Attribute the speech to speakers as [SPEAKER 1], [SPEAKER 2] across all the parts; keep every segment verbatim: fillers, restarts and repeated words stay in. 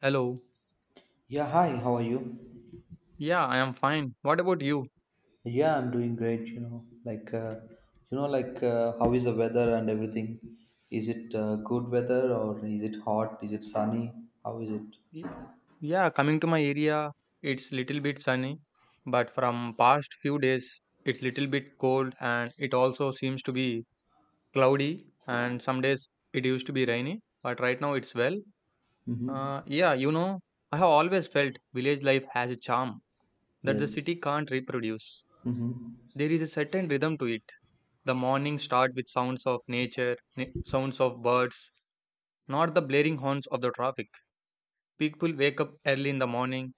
[SPEAKER 1] Hello.
[SPEAKER 2] Yeah, hi, how are you?
[SPEAKER 1] Yeah, I am fine. What about you?
[SPEAKER 2] Yeah, I'm doing great, you know. Like, uh, you know, like, uh, how is the weather and everything? Is it uh, good weather or is it hot? Is it sunny? How is it?
[SPEAKER 1] Y- Yeah, coming to my area, it's little bit sunny, but from past few days, it's little bit cold and it also seems to be cloudy and some days it used to be rainy, but right now it's well.
[SPEAKER 2] Mm-hmm.
[SPEAKER 1] Uh, yeah, you know, I have always felt village life has a charm that the
[SPEAKER 2] Yes.
[SPEAKER 1] city can't reproduce.
[SPEAKER 2] Mm-hmm.
[SPEAKER 1] There is a certain rhythm to it. The morning start with sounds of nature, na- sounds of birds, not the blaring horns of the traffic. People wake up early in the morning,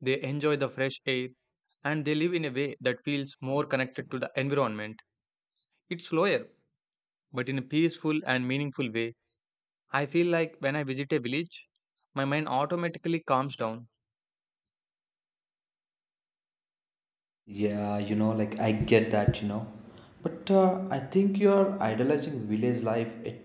[SPEAKER 1] they enjoy the fresh air, and they live in a way that feels more connected to the environment. It's slower, but in a peaceful and meaningful way. I feel like when I visit a village, my mind automatically calms down.
[SPEAKER 2] Yeah, you know, like I get that, you know. But uh, I think you're idolizing village life a,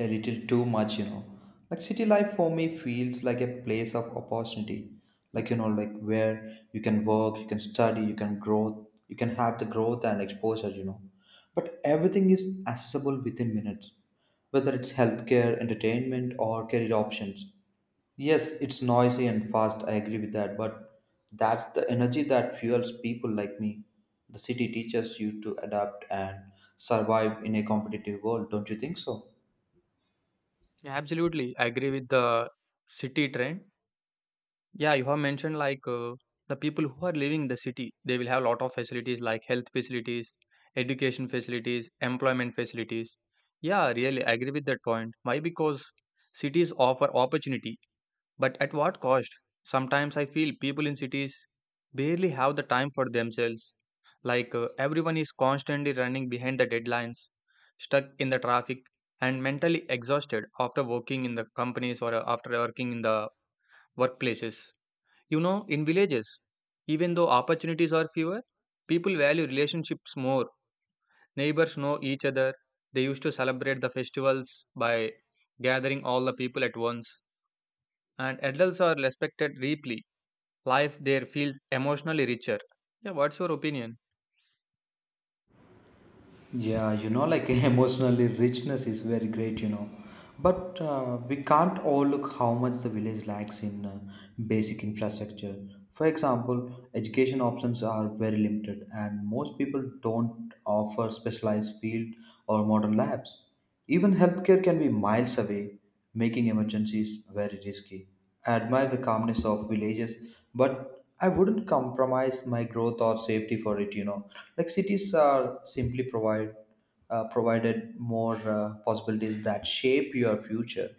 [SPEAKER 2] a little too much, you know. Like city life for me feels like a place of opportunity. Like, you know, like where you can work, you can study, you can grow, you can have the growth and exposure, you know. But everything is accessible within minutes, whether it's healthcare, entertainment, or career options. Yes, it's noisy and fast, I agree with that, but that's the energy that fuels people like me. The city teaches you to adapt and survive in a competitive world, don't you think so?
[SPEAKER 1] Yeah, absolutely, I agree with the city trend. Yeah, you have mentioned like uh, the people who are living the city, they will have a lot of facilities like health facilities, education facilities, employment facilities. Yeah, really, I agree with that point. Why? Because cities offer opportunity, but at what cost? Sometimes I feel people in cities barely have the time for themselves. Like uh, everyone is constantly running behind the deadlines, stuck in the traffic, and mentally exhausted after working in the companies or uh, after working in the workplaces you know, In villages, even though opportunities are fewer, people value relationships more. Neighbors know each other. They used to celebrate the festivals by gathering all the people at once. And adults are respected deeply. Life there feels emotionally richer. Yeah, what's your opinion?
[SPEAKER 2] Yeah, you know, like emotionally richness is very great, you know. But uh, we can't overlook how much the village lacks in uh, basic infrastructure. For example, education options are very limited, and most people don't offer specialized field or modern labs. Even healthcare can be miles away, making emergencies very risky. I admire the calmness of villages, but I wouldn't compromise my growth or safety for it. You know, like cities are simply provide uh, provided more uh, possibilities that shape your future,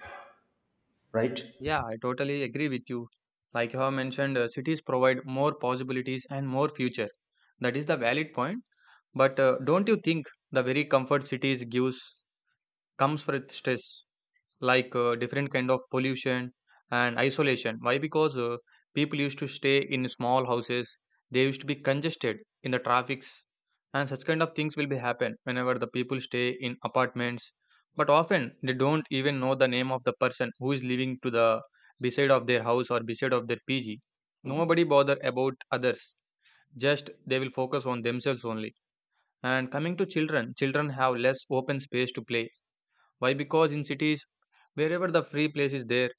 [SPEAKER 2] right?
[SPEAKER 1] Yeah, I totally agree with you. Like you have mentioned, uh, cities provide more possibilities and more future. That is the valid point. But uh, don't you think the very comfort cities gives comes with stress? like uh, different kind of pollution and isolation. Why? Because uh, people used to stay in small houses, they used to be congested in the traffics, and such kind of things will be happen whenever the people stay in apartments, but often they don't even know the name of the person who is living to the beside of their house or beside of their pg. Nobody bother about others, just they will focus on themselves only. And coming to children, children have less open space to play. Why? Because in cities, wherever the free place is there,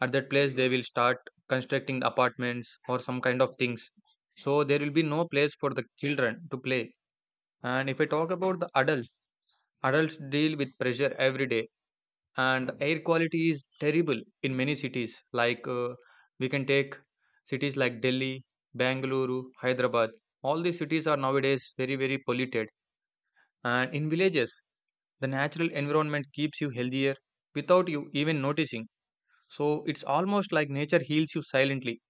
[SPEAKER 1] at that place they will start constructing the apartments or some kind of things. So there will be no place for the children to play. And if I talk about the adult, adults deal with pressure every day, and air quality is terrible in many cities. Like uh, we can take cities like Delhi, Bangalore, Hyderabad. All these cities are nowadays very very polluted. And in villages, the natural environment keeps you healthier without you even noticing. So it's almost like nature heals you silently.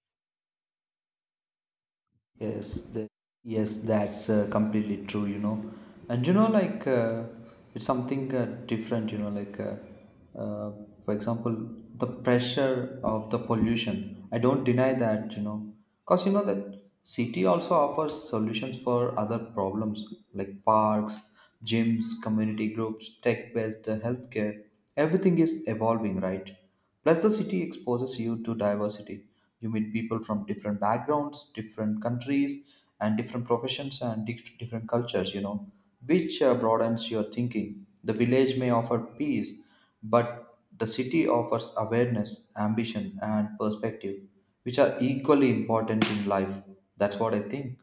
[SPEAKER 2] Yes, the, yes, that's uh, completely true, you know. And you know, like uh, it's something uh, different, you know, like uh, uh, for example, the pressure of the pollution. I don't deny that, you know, because you know that city also offers solutions for other problems like parks, gyms, community groups, tech-based uh, healthcare. Everything is evolving, right? Plus, the city exposes you to diversity. You meet people from different backgrounds, different countries, and different professions and di- different cultures, you know, which uh, broadens your thinking. The village may offer peace, but the city offers awareness, ambition, and perspective, which are equally important in life. That's what I think.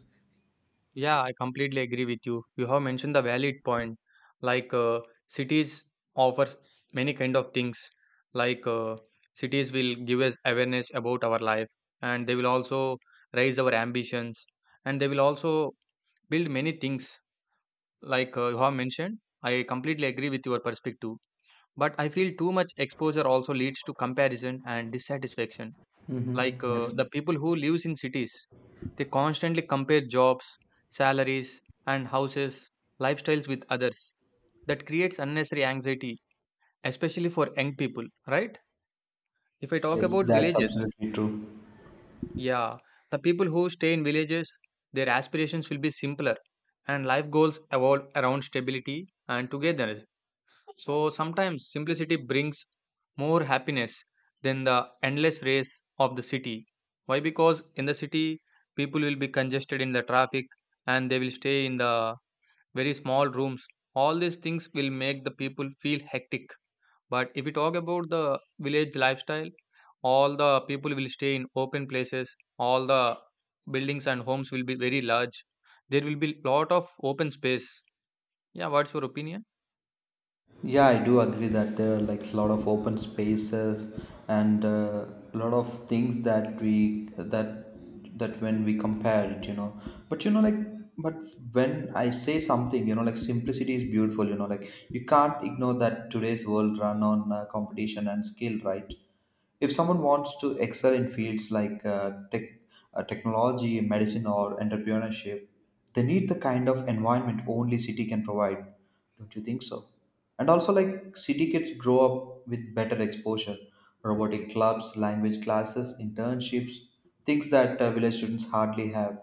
[SPEAKER 1] Yeah, I completely agree with you. You have mentioned the valid point. Like uh, cities offers many kind of things. Like uh, cities will give us awareness about our life, and they will also raise our ambitions, and they will also build many things. Like uh, you have mentioned, I completely agree with your perspective. But I feel too much exposure also leads to comparison and dissatisfaction.
[SPEAKER 2] Hmm.
[SPEAKER 1] Like uh, the
[SPEAKER 2] Yes,
[SPEAKER 1] people who lives in cities, they constantly compare jobs, salaries, and houses, lifestyles with others. That creates unnecessary anxiety, especially for young people, right? If I talk
[SPEAKER 2] yes,
[SPEAKER 1] about
[SPEAKER 2] that's
[SPEAKER 1] villages,
[SPEAKER 2] absolutely true.
[SPEAKER 1] yeah, the people who stay in villages, their aspirations will be simpler, and life goals evolve around stability and togetherness. So sometimes simplicity brings more happiness than the endless race of the city. Why? Because in the city, people will be congested in the traffic and they will stay in the very small rooms. All these things will make the people feel hectic. But if we talk about the village lifestyle, all the people will stay in open places. All the buildings and homes will be very large. There will be lot of open space. Yeah, what's your opinion?
[SPEAKER 2] Yeah, I do agree that there are like a lot of open spaces and uh, a lot of things that we that that when we compare it, you know. But you know, like, but when I say something, you know, like simplicity is beautiful. You know, like you can't ignore that today's world run on uh, competition and skill, right? If someone wants to excel in fields like uh, tech, uh, technology, medicine, or entrepreneurship, they need the kind of environment only city can provide. Don't you think so? And also, like city kids grow up with better exposure, robotic clubs, language classes, internships, things that uh, village students hardly have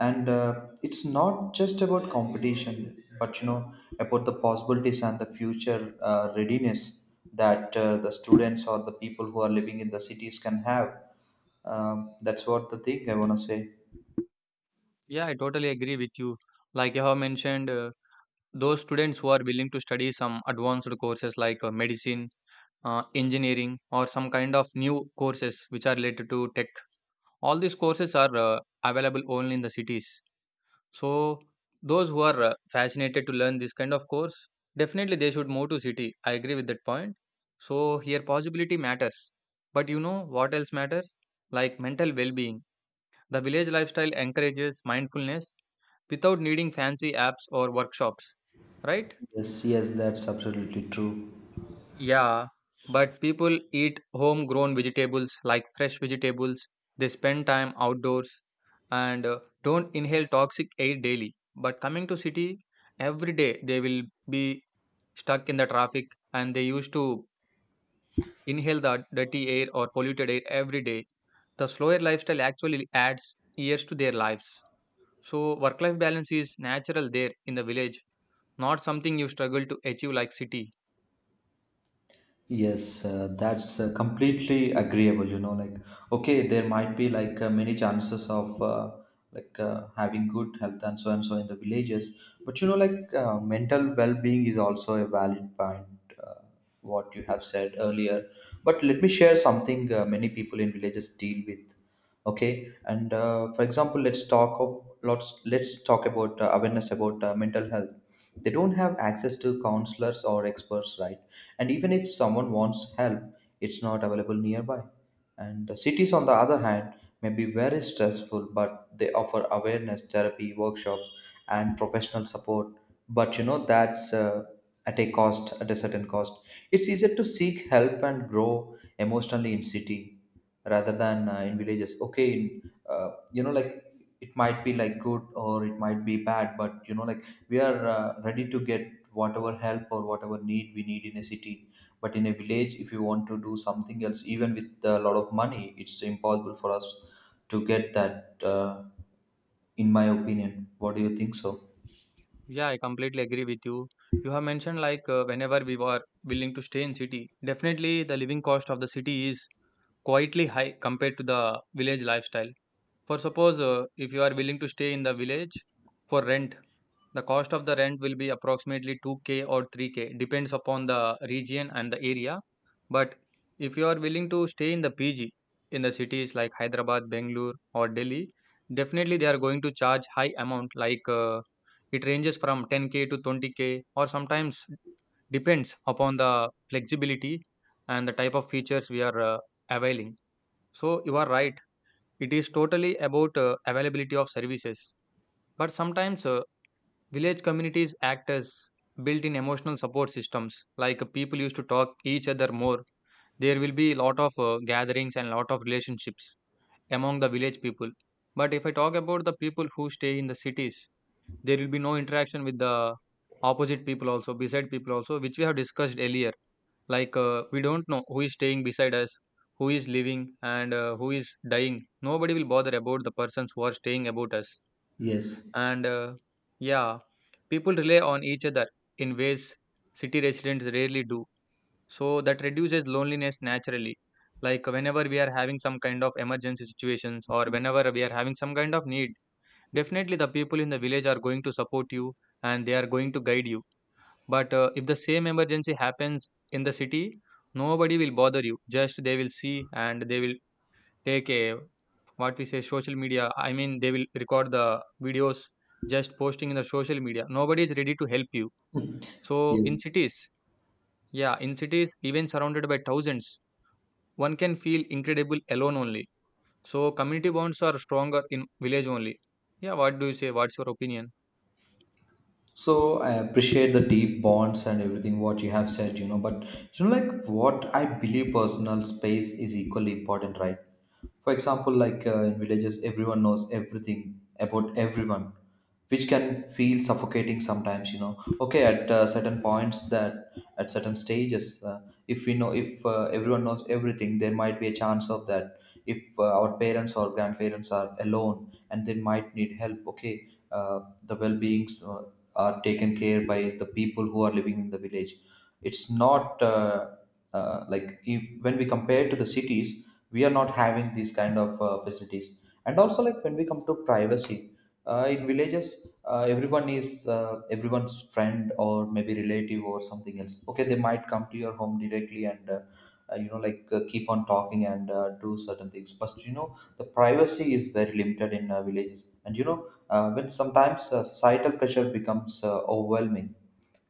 [SPEAKER 2] and uh, it's not just about competition but you know about the possibilities and the future uh, readiness that uh, the students or the people who are living in the cities can have um, that's what the thing I want to say.
[SPEAKER 1] Yeah, I totally agree with you. Like you have mentioned, uh, those students who are willing to study some advanced courses like uh, medicine, uh, engineering, or some kind of new courses which are related to tech, all these courses are uh, available only in the cities. So, those who are uh, fascinated to learn this kind of course, definitely they should move to city. I agree with that point. So, here possibility matters. But you know what else matters? Like mental well being, the village lifestyle encourages mindfulness without needing fancy apps or workshops, right?
[SPEAKER 2] Yes, yes, that's absolutely true.
[SPEAKER 1] Yeah, but people eat homegrown vegetables like fresh vegetables, they spend time outdoors and uh, don't inhale toxic air daily. But coming to city, every day they will be stuck in the traffic and they used to inhale the dirty air or polluted air every day. The slower lifestyle actually adds years to their lives. So work life balance is natural there in the village, not something you struggle to achieve like city.
[SPEAKER 2] Yes, uh, that's uh, completely agreeable. You know, like okay, there might be like uh, many chances of uh, like uh, having good health and so and so in the villages, but you know, like uh, mental well-being is also a valid point. Uh, what you have said earlier, but let me share something uh, many people in villages deal with. Okay, and uh, for example, let's talk of lots. Let's talk about uh, awareness about uh, mental health. They don't have access to counselors or experts, right? And even if someone wants help, it's not available nearby. And the cities, on the other hand, may be very stressful, but they offer awareness, therapy, workshops, and professional support. But you know, that's uh, at a cost, at a certain cost. It's easier to seek help and grow emotionally in city rather than uh, in villages. Okay, in, uh, You know, like it might be like good or it might be bad, but you know, like we are uh, ready to get whatever help or whatever need we need in a city, but in a village if you want to do something else even with a lot of money it's impossible for us to get that uh, In my opinion, what do you think so?
[SPEAKER 1] Yeah, I completely agree with you. You have mentioned like uh, whenever we were willing to stay in city, definitely the living cost of the city is quietly high compared to the village lifestyle. For suppose uh, if you are willing to stay in the village for rent, the cost of the rent will be approximately two k or three k, depends upon the region and the area. But if you are willing to stay in the P G in the cities like Hyderabad, Bangalore, or Delhi, definitely they are going to charge high amount like uh, it ranges from ten k to twenty k or sometimes depends upon the flexibility and the type of features we are uh, availing. So you are right, it is totally about uh, availability of services. But sometimes uh, village communities act as built in emotional support systems. Like uh, people used to talk each other more. There will be a lot of uh, gatherings and lot of relationships among the village people. But if I talk about the people who stay in the cities, there will be no interaction with the opposite people also, beside people also, which we have discussed earlier. Like uh, we don't know who is staying beside us, who is living, and uh, who is dying. Nobody will bother about the persons who are staying about us.
[SPEAKER 2] Yes.
[SPEAKER 1] And uh, yeah, people rely on each other in ways city residents rarely do. So that reduces loneliness naturally. Like whenever we are having some kind of emergency situations or whenever we are having some kind of need, definitely, the people in the village are going to support you and they are going to guide you. But uh, if the same emergency happens in the city, nobody will bother you. Just they will see and they will take a what we say social media. I mean, they will record the videos just posting in the social media. Nobody is ready to help you. So in
[SPEAKER 2] Yes.
[SPEAKER 1] cities, yeah, in cities, even surrounded by thousands, one can feel incredible alone only. So community bonds are stronger in village only. Yeah, what do you say? What's your opinion?
[SPEAKER 2] So I appreciate the deep bonds and everything what you have said, you know, but you know, like what I believe personal space is equally important, right? For example, like uh, in villages, everyone knows everything about everyone, which can feel suffocating sometimes, you know. Okay, at uh, certain points that at certain stages, uh, if we know if uh, everyone knows everything, there might be a chance of that. If uh, our parents or grandparents are alone and they might need help, okay, uh, the well-beings Uh, are taken care by the people who are living in the village. It's not uh, uh, like if when we compare to the cities, we are not having these kind of uh, facilities. And also like when we come to privacy, uh, in villages, uh, everyone is uh, everyone's friend or maybe relative or something else, okay, they might come to your home directly and, uh, uh, you know, like uh, keep on talking and uh, do certain things, but you know the privacy is very limited in uh, villages. And you know, uh, when sometimes uh, societal pressure becomes uh, overwhelming,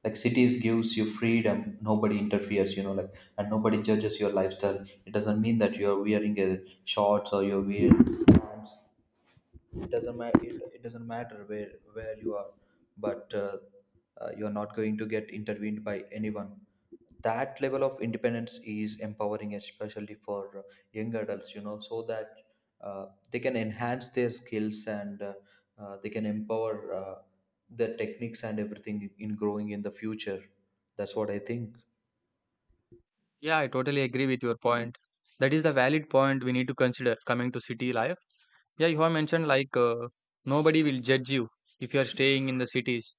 [SPEAKER 2] like cities gives you freedom, nobody interferes, you know, like, and nobody judges your lifestyle. It doesn't mean that you're wearing a shorts or you're wearing pants. It doesn't matter, it, it doesn't matter where where you are, but uh, uh, you're not going to get intervened by anyone. That level of independence is empowering, especially for uh, young adults, you know, so that uh, they can enhance their skills and, uh, uh, they can empower uh, their techniques and everything in growing in the future. That's what I think.
[SPEAKER 1] Yeah, I totally agree with your point. That is the valid point we need to consider coming to city life. Yeah, you have mentioned like uh, nobody will judge you if you are staying in the cities.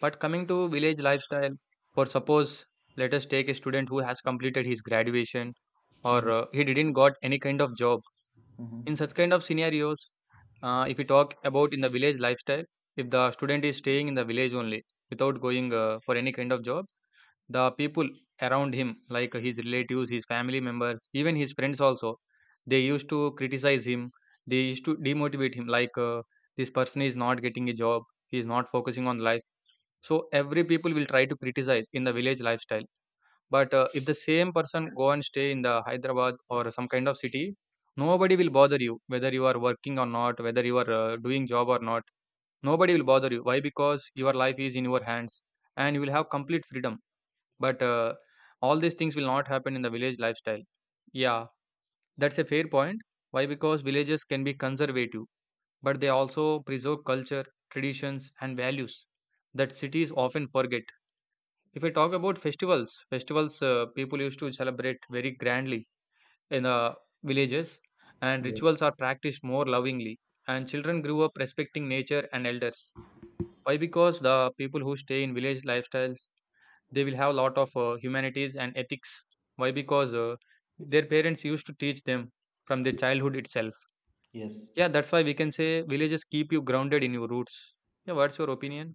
[SPEAKER 1] But coming to village lifestyle, for suppose let us take a student who has completed his graduation or
[SPEAKER 2] Hmm.
[SPEAKER 1] uh, he didn't got any kind of job. In such
[SPEAKER 2] Hmm.
[SPEAKER 1] kind of scenarios, uh, if we talk about in the village lifestyle, if the student is staying in the village only without going uh, for any kind of job, the people around him, like his relatives, his family members, even his friends also, they used to criticize him. They used to demotivate him, like uh, this person is not getting a job, he is not focusing on life. So every people will try to criticize in the village lifestyle. But uh, if the same person go and stay in the Hyderabad or some kind of city, nobody will bother you whether you are working or not, whether you are uh, doing job or not. Nobody will bother you. Why? Because your life is in your hands and you will have complete freedom, but uh, all these things will not happen in the village lifestyle. Yeah, that's a fair point. Why? Because villages can be conservative, but they also preserve culture, traditions and values that cities often forget. If I talk about festivals festivals uh, people used to celebrate very grandly in the villages, and
[SPEAKER 2] Yes.
[SPEAKER 1] rituals are practiced more lovingly, and children grew up respecting nature and elders. Why? Because the people who stay in village lifestyles, they will have a lot of uh, humanities and ethics. Why? Because uh, their parents used to teach them from their childhood itself.
[SPEAKER 2] Yes.
[SPEAKER 1] Yeah, that's why we can say villages keep you grounded in your roots. Yeah, what's your opinion?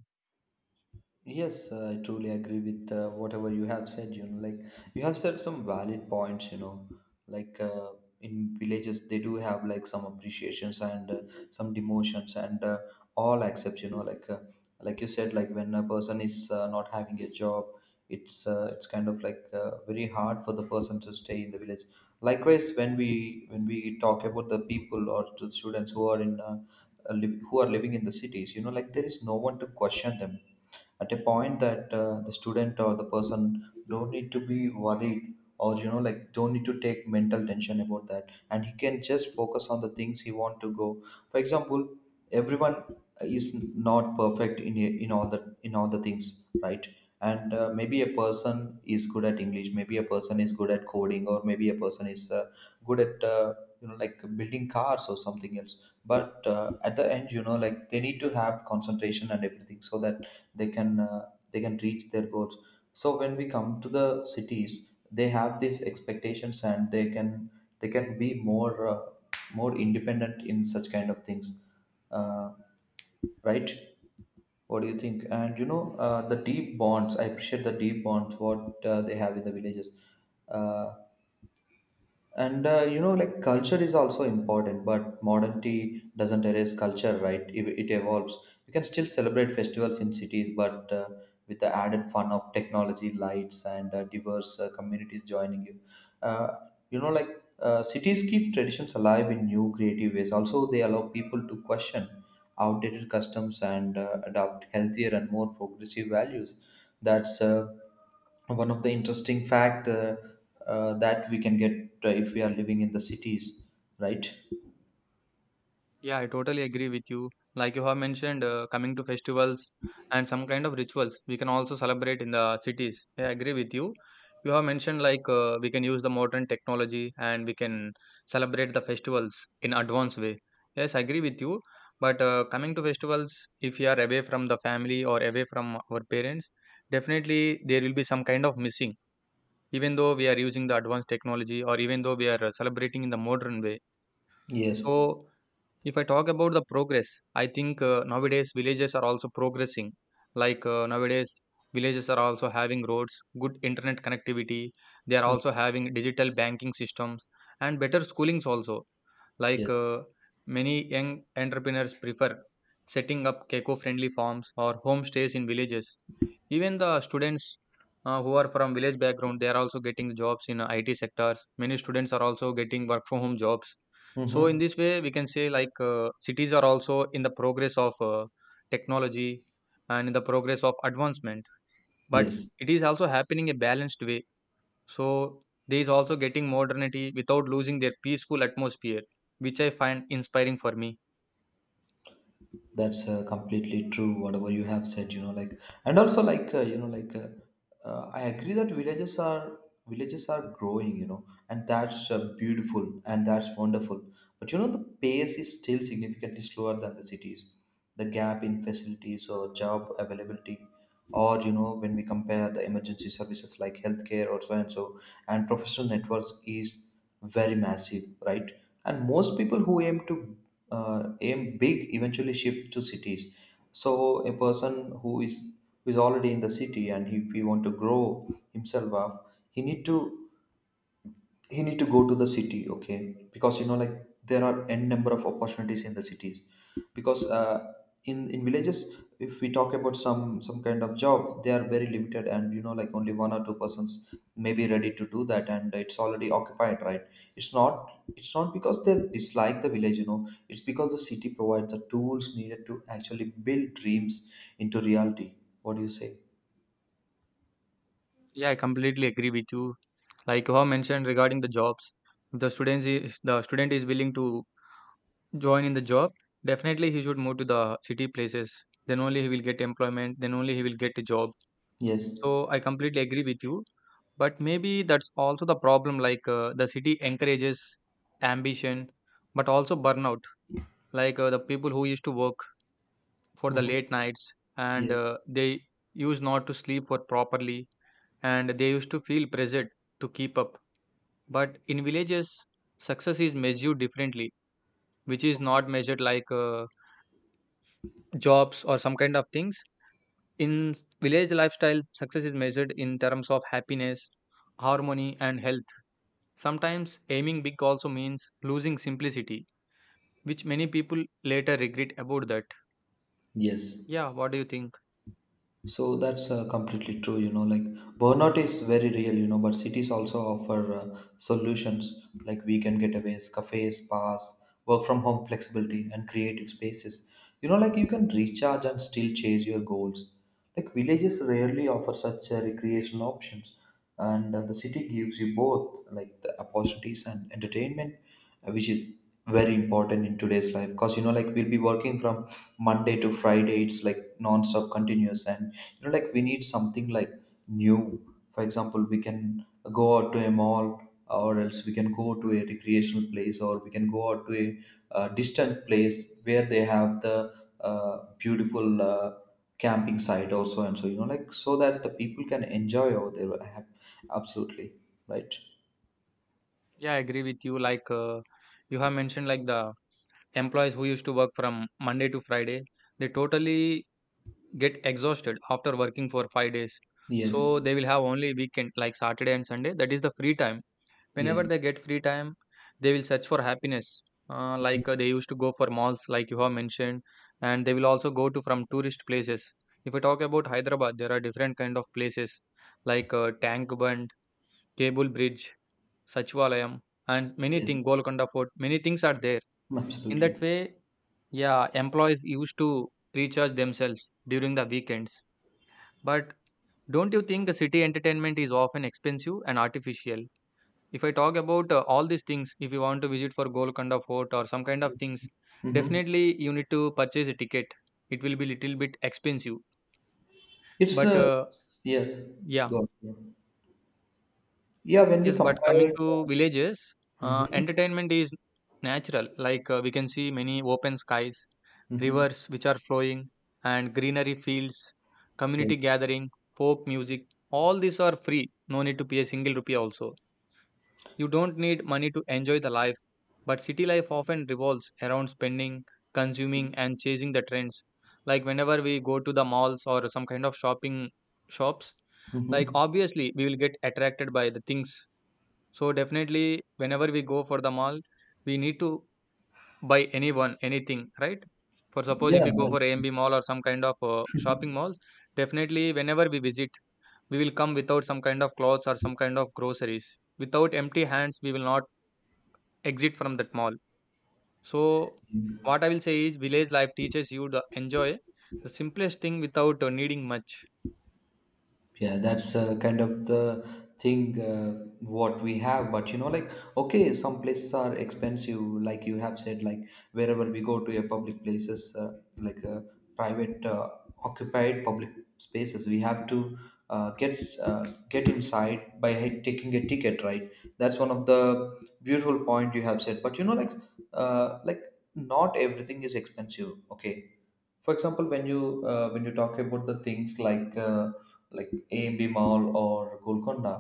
[SPEAKER 2] Yes, uh, I truly agree with uh, whatever you have said. You know, like you have said some valid points. You know, like uh, in villages they do have like some appreciations and uh, some demotions and uh, all accepts. You know, like uh, like you said, like when a person is uh, not having a job, it's uh, it's kind of like uh, very hard for the person to stay in the village. Likewise, when we when we talk about the people or to the students who are in uh, uh, liv- who are living in the cities, you know, like there is no one to question them at a point that uh, the student or the person don't need to be worried or you know like don't need to take mental tension about that, and he can just focus on the things he want to go. For example, everyone is not perfect in in all the in all the things, right? And uh, maybe a person is good at English, maybe a person is good at coding, or maybe a person is uh, good at uh, you know like building cars or something else. But uh, at the end, you know, like they need to have concentration and everything so that they can, uh, they can reach their goals. So when we come to the cities, they have these expectations, and they can, they can be more uh, more independent in such kind of things, uh, right? What do you think? And you know, uh, the deep bonds, I appreciate the deep bonds what uh, they have in the villages. Uh, and uh, you know like culture is also important, but modernity doesn't erase culture, right? It, it evolves. We can still celebrate festivals in cities but uh, with the added fun of technology lights and uh, diverse uh, communities joining you, uh, you know like uh, cities keep traditions alive in new creative ways. Also, they allow people to question outdated customs and uh, adopt healthier and more progressive values. That's uh, one of the interesting fact, uh, uh, that we can get uh, if we are living in the cities, right?
[SPEAKER 1] Yeah, I totally agree with you. Like you have mentioned, uh, coming to festivals and some kind of rituals, we can also celebrate in the cities. Yeah, I agree with you. You have mentioned like uh, we can use the modern technology and we can celebrate the festivals in advanced way. Yes, I agree with you. But uh, coming to festivals, if you are away from the family or away from our parents, definitely there will be some kind of missing. Even though we are using the advanced technology, or even though we are uh, celebrating in the modern way.
[SPEAKER 2] Yes.
[SPEAKER 1] So, if I talk about the progress, I think uh, nowadays villages are also progressing. Like uh, nowadays, villages are also having roads, good internet connectivity. They are
[SPEAKER 2] Mm.
[SPEAKER 1] also having digital banking systems and better schoolings also. Like
[SPEAKER 2] Yes.
[SPEAKER 1] uh, Many young entrepreneurs prefer setting up keco friendly farms or homestays in villages. Even the students uh, who are from village background, they are also getting jobs in uh, I T sectors. Many students are also getting work from home jobs. So in
[SPEAKER 2] Mm-hmm.
[SPEAKER 1] this way, we can say like uh, cities are also in the progress of uh, technology and in the progress of advancement. But
[SPEAKER 2] Yes.
[SPEAKER 1] it is also happening a balanced way, so these also getting modernity without losing their peaceful atmosphere, which I find inspiring for me.
[SPEAKER 2] That's uh, completely true whatever you have said, you know like and also like uh, you know like uh, uh, I agree that villages are villages are growing, you know, and that's uh, beautiful and that's wonderful. But you know, the pace is still significantly slower than the cities. The gap in facilities or job availability, or you know, when we compare the emergency services like healthcare or so and so and professional networks is very massive, right? And most people who aim to uh, aim big eventually shift to cities. So a person who is who is already in the city, and if he want to grow himself up, he need to he need to go to the city. Okay, because you know like there are n number of opportunities in the cities. Because uh, in in villages, if we talk about some some kind of job, they are very limited, and you know like only one or two persons may be ready to do that, and it's already occupied, right? It's not it's not because they dislike the village, you know, it's because the city provides the tools needed to actually build dreams into reality. What do you say?
[SPEAKER 1] Yeah, I completely agree with you. Like you have mentioned regarding the jobs, if the students is, if the student is willing to join in the job, definitely he should move to the city places. Then only he will get employment. Then only he will get a job.
[SPEAKER 2] Yes.
[SPEAKER 1] So I completely agree with you. But maybe that's also the problem. Like uh, the city encourages ambition, but also burnout. Like uh, the people who used to work for the
[SPEAKER 2] Hmm.
[SPEAKER 1] late nights, and
[SPEAKER 2] Yes.
[SPEAKER 1] uh, they used not to sleep for properly, and they used to feel pressured to keep up. But in villages success is measured differently, which is not measured like uh, jobs or some kind of things. In village lifestyle success is measured in terms of happiness, harmony and health. Sometimes aiming big also means losing simplicity, which many people later regret about that.
[SPEAKER 2] Yes.
[SPEAKER 1] Yeah, what do you think?
[SPEAKER 2] So that's uh, completely true, you know. Like burnout is very real, you know, but cities also offer uh, solutions like weekend getaways, cafes, spas, work from home flexibility, and creative spaces. You know, like you can recharge and still chase your goals. Like villages rarely offer such uh, recreational options, and uh, the city gives you both like the opportunities and entertainment, uh, which is very important in today's life, because you know like we'll be working from Monday to Friday, it's like non-stop continuous. And you know like we need something like new. For example, we can go out to a mall, or else we can go to a recreational place, or we can go out to a uh, distant place where they have the uh, beautiful uh, camping site also. And so you know like, so that the people can enjoy over there. I have- absolutely. Right.
[SPEAKER 1] Yeah, I agree with you. Like uh, you have mentioned like the employees who used to work from Monday to Friday, they totally get exhausted after working for five days.
[SPEAKER 2] Yes.
[SPEAKER 1] So they will have only weekend like Saturday and Sunday. That is the free time. Whenever
[SPEAKER 2] Yes.
[SPEAKER 1] they get free time, they will search for happiness. Uh, like
[SPEAKER 2] Mhm.
[SPEAKER 1] uh, they used to go for malls, like you have mentioned, and they will also go to from tourist places. If we talk about Hyderabad, there are different kind of places like uh, Tank Bund, Cable Bridge, Sachivalayam, and many
[SPEAKER 2] Yes.
[SPEAKER 1] things. Golconda Fort, many things are there. In that
[SPEAKER 2] Absolutely.
[SPEAKER 1] way, yeah, employees used to recharge themselves during the weekends. But don't you think the city entertainment is often expensive and artificial? If I talk about uh, all these things, if you want to visit for Golconda Fort or some kind of things,
[SPEAKER 2] Mm-hmm.
[SPEAKER 1] definitely you need to purchase a ticket. It will be little bit expensive.
[SPEAKER 2] it's
[SPEAKER 1] But
[SPEAKER 2] uh,
[SPEAKER 1] uh,
[SPEAKER 2] Yes.
[SPEAKER 1] yeah.
[SPEAKER 2] Go on. Yeah. Yeah, when we
[SPEAKER 1] Yes, but
[SPEAKER 2] compare
[SPEAKER 1] coming to
[SPEAKER 2] uh,
[SPEAKER 1] villages, uh,
[SPEAKER 2] mhm,
[SPEAKER 1] entertainment is natural. Like uh, we can see many open skies,
[SPEAKER 2] mhm.
[SPEAKER 1] rivers which are flowing, and greenery fields, community
[SPEAKER 2] Yes.
[SPEAKER 1] gathering, folk music. All these are free. No need to pay a single rupee also. You don't need money to enjoy the life. But city life often revolves around spending, consuming, and chasing the trends. Like whenever we go to the malls or some kind of shopping shops, like
[SPEAKER 2] Mm-hmm.
[SPEAKER 1] obviously we will get attracted by the things. So definitely, whenever we go for the mall, we need to buy anyone, anything, right? For suppose if
[SPEAKER 2] Yeah,
[SPEAKER 1] we go for
[SPEAKER 2] that's
[SPEAKER 1] A M B mall or some kind of uh, shopping malls, definitely whenever we visit, we will come without some kind of clothes or some kind of groceries. Without empty hands, we will not exit from that mall. So what I will say is, village life teaches you to enjoy the simplest thing without uh, needing much.
[SPEAKER 2] yeah, that's uh, kind of the thing uh, what we have. But you know, like okay, some places are expensive, like you have said. Like wherever we go to a public places, uh, like uh, private uh, occupied public spaces, we have to uh, get uh, get inside by he- taking a ticket, right? That's one of the beautiful point you have said. But you know, like uh, like not everything is expensive. Okay, for example, when you uh, when you talk about the things like uh, like A M B Mall or Golconda,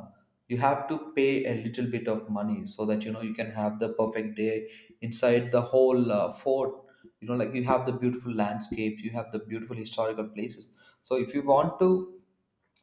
[SPEAKER 2] you have to pay a little bit of money so that you know you can have the perfect day inside the whole uh, fort. You know like you have the beautiful landscapes, you have the beautiful historical places. So if you want to,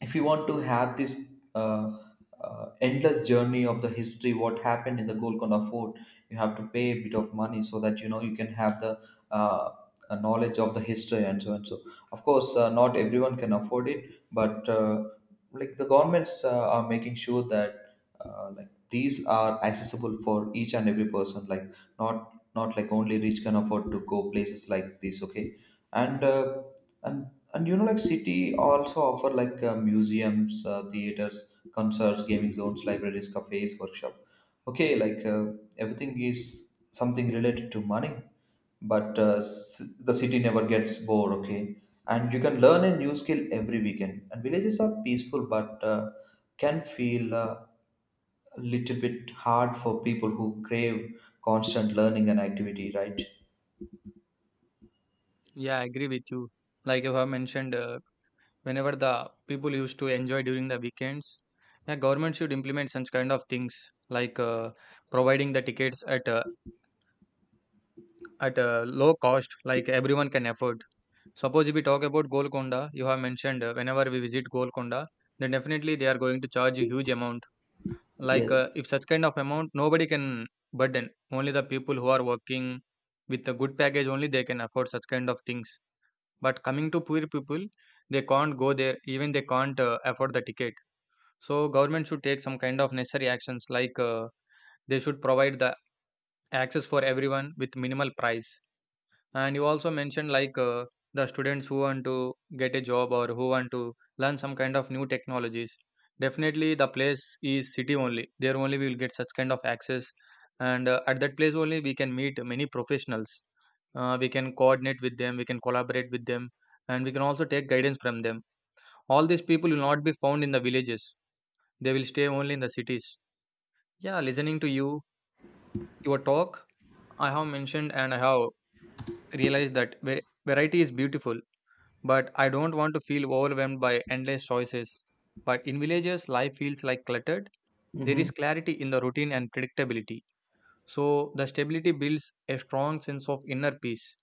[SPEAKER 2] if you want to have this uh, uh, endless journey of the history what happened in the Golconda fort, you have to pay a bit of money so that you know you can have the uh, uh, knowledge of the history and so and so. Of course uh, not everyone can afford it, but uh, like the governments uh, are making sure that uh, like these are accessible for each and every person. Like not not like only rich can afford to go places like this, okay. And uh, and and you know like city also offer like uh, museums, uh, theaters, concerts, gaming zones, libraries, cafes, workshop. Okay, like uh, everything is something related to money. But uh, s- the city never gets bored, okay. And you can learn a new skill every weekend, and villages are peaceful, but uh, can feel uh, a little bit hard for people who crave constant learning and activity, right?
[SPEAKER 1] Yeah, I agree with you. Like you have mentioned. Uh, whenever the people used to enjoy during the weekends. Yeah, government should implement such kind of things like uh, providing the tickets at a, at a low cost, like everyone can afford. Suppose if we talk about Golconda, you have mentioned uh, whenever we visit Golconda, then definitely they are going to charge a huge amount. Like
[SPEAKER 2] Yes.
[SPEAKER 1] uh, if such kind of amount, nobody can burden. Only the people who are working with a good package only they can afford such kind of things. But coming to poor people, they can't go there. Even they can't uh, afford the ticket. So government should take some kind of necessary actions like uh, they should provide the access for everyone with minimal price. And you also mentioned like uh, the students who want to get a job or who want to learn some kind of new technologies. Definitely the place is city only. There only we will get such kind of access. And uh, at that place only we can meet many professionals. Uh, we can coordinate with them, we can collaborate with them, and we can also take guidance from them. All these people will not be found in the villages. They will stay only in the cities. Yeah, listening to you, your talk, I have mentioned, and I have realized that va- variety is beautiful, but I don't want to feel overwhelmed by endless choices. But in villages, life feels like cluttered. There
[SPEAKER 2] Mm-hmm.
[SPEAKER 1] is clarity in the routine and predictability. So the stability builds a strong sense of inner peace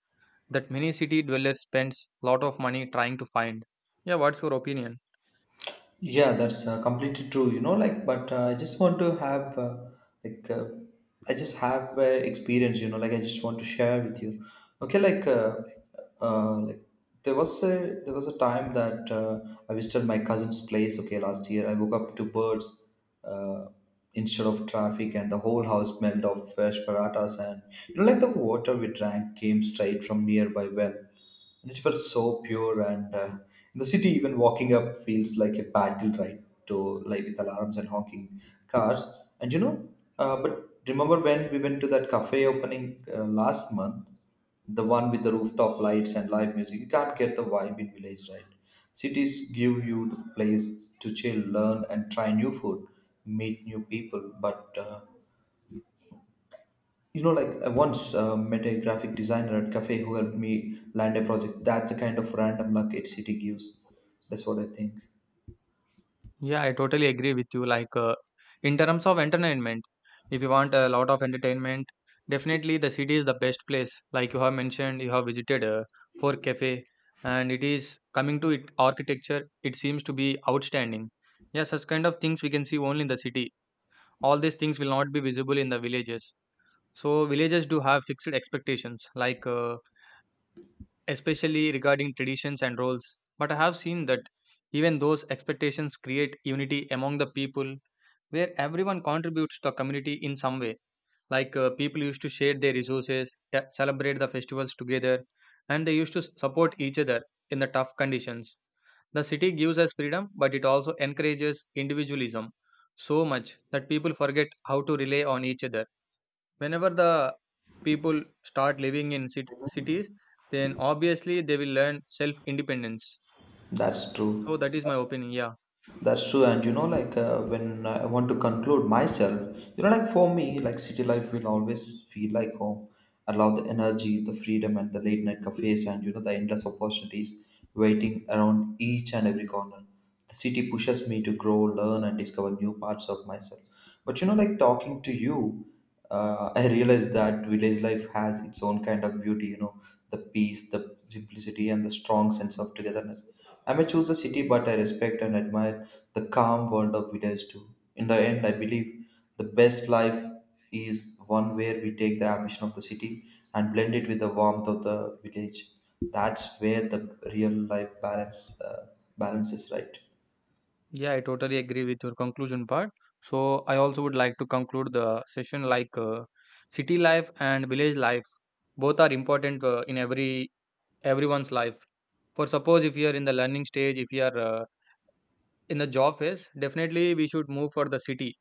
[SPEAKER 1] that many city dwellers spends lot of money trying to find. Yeah, what's your opinion?
[SPEAKER 2] Yeah, that's uh, completely true. You know, like, but uh, I just want to have, uh, like, uh, I just have uh, experience. You know, like, I just want to share with you. Okay, like, uh, uh, like there was a, there was a time that uh, I visited my cousin's place. Okay, last year I woke up to birds uh, instead of traffic, and the whole house smelled of fresh paratas, and you know, like the water we drank came straight from nearby well and it felt so pure. And uh, in the city, even walking up feels like a battle, right? To like with alarms and honking cars. And you know uh, but remember when we went to that cafe opening uh, last month, the one with the rooftop lights and live music? You can't get the vibe in village, right? Cities give you the place to chill, learn, and try new food, meet new people. But uh, you know, like I once uh, met a graphic designer at cafe who helped me land a project. That's the kind of random luck a city gives. That's what I think.
[SPEAKER 1] Yeah, I totally agree with you. Like, uh, in terms of entertainment, if you want a lot of entertainment, definitely the city is the best place. Like you have mentioned, you have visited uh, for cafe, and it is coming to it architecture. It seems to be outstanding. Yeah, such kind of things we can see only in the city. All these things will not be visible in the villages. So villages do have fixed expectations, like uh, especially regarding traditions and roles. But I have seen that even those expectations create unity among the people where everyone contributes to the community in some way. Like uh, people used to share their resources, te- celebrate the festivals together, and they used to s- support each other in the tough conditions. The city gives us freedom, but it also encourages individualism so much that people forget how to rely on each other. Whenever the people start living in cit- cities, then obviously they will learn self independence.
[SPEAKER 2] That's
[SPEAKER 1] So,
[SPEAKER 2] true.
[SPEAKER 1] that is my opinion. Yeah.
[SPEAKER 2] That's true, and you know, like uh, when I want to conclude myself, you know, like for me, like city life will always feel like home. I love the energy, the freedom, and the late night cafes, and you know, the endless opportunities waiting around each and every corner. The city pushes me to grow, learn, and discover new parts of myself. But you know, like talking to you, uh, I realized that village life has its own kind of beauty. You know, the peace, the simplicity, and the strong sense of togetherness. I may choose the city, but I respect and admire the calm world of village too. In the end, I believe the best life is one where we take the ambition of the city and blend it with the warmth of the village. That's where the real life balance uh, balance is, right?
[SPEAKER 1] Yeah, I totally agree with your conclusion part. So I also would like to conclude the session like uh, city life and village life both are important uh, in every everyone's life. For suppose if you are in the learning stage, if you are uh, in the job phase, definitely we should move for the city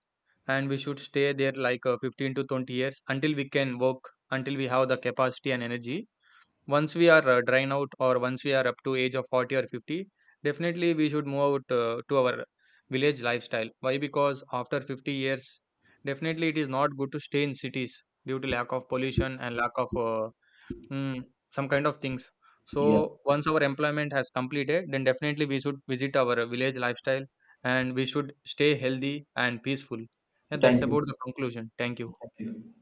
[SPEAKER 1] and we should stay there like uh, fifteen to twenty years until we can work, until we have the capacity and energy. Once we are uh, drying out, or once we are up to age of forty or fifty, definitely we should move out uh, to our village lifestyle. Why? Because after fifty years definitely it is not good to stay in cities due to lack of pollution and lack of uh, mm, some kind of things. So
[SPEAKER 2] Yeah.
[SPEAKER 1] once our employment has completed, then definitely we should visit our village lifestyle and we should stay healthy and peaceful. And that's
[SPEAKER 2] Thank you.
[SPEAKER 1] about the conclusion. Thank you.
[SPEAKER 2] Thank you.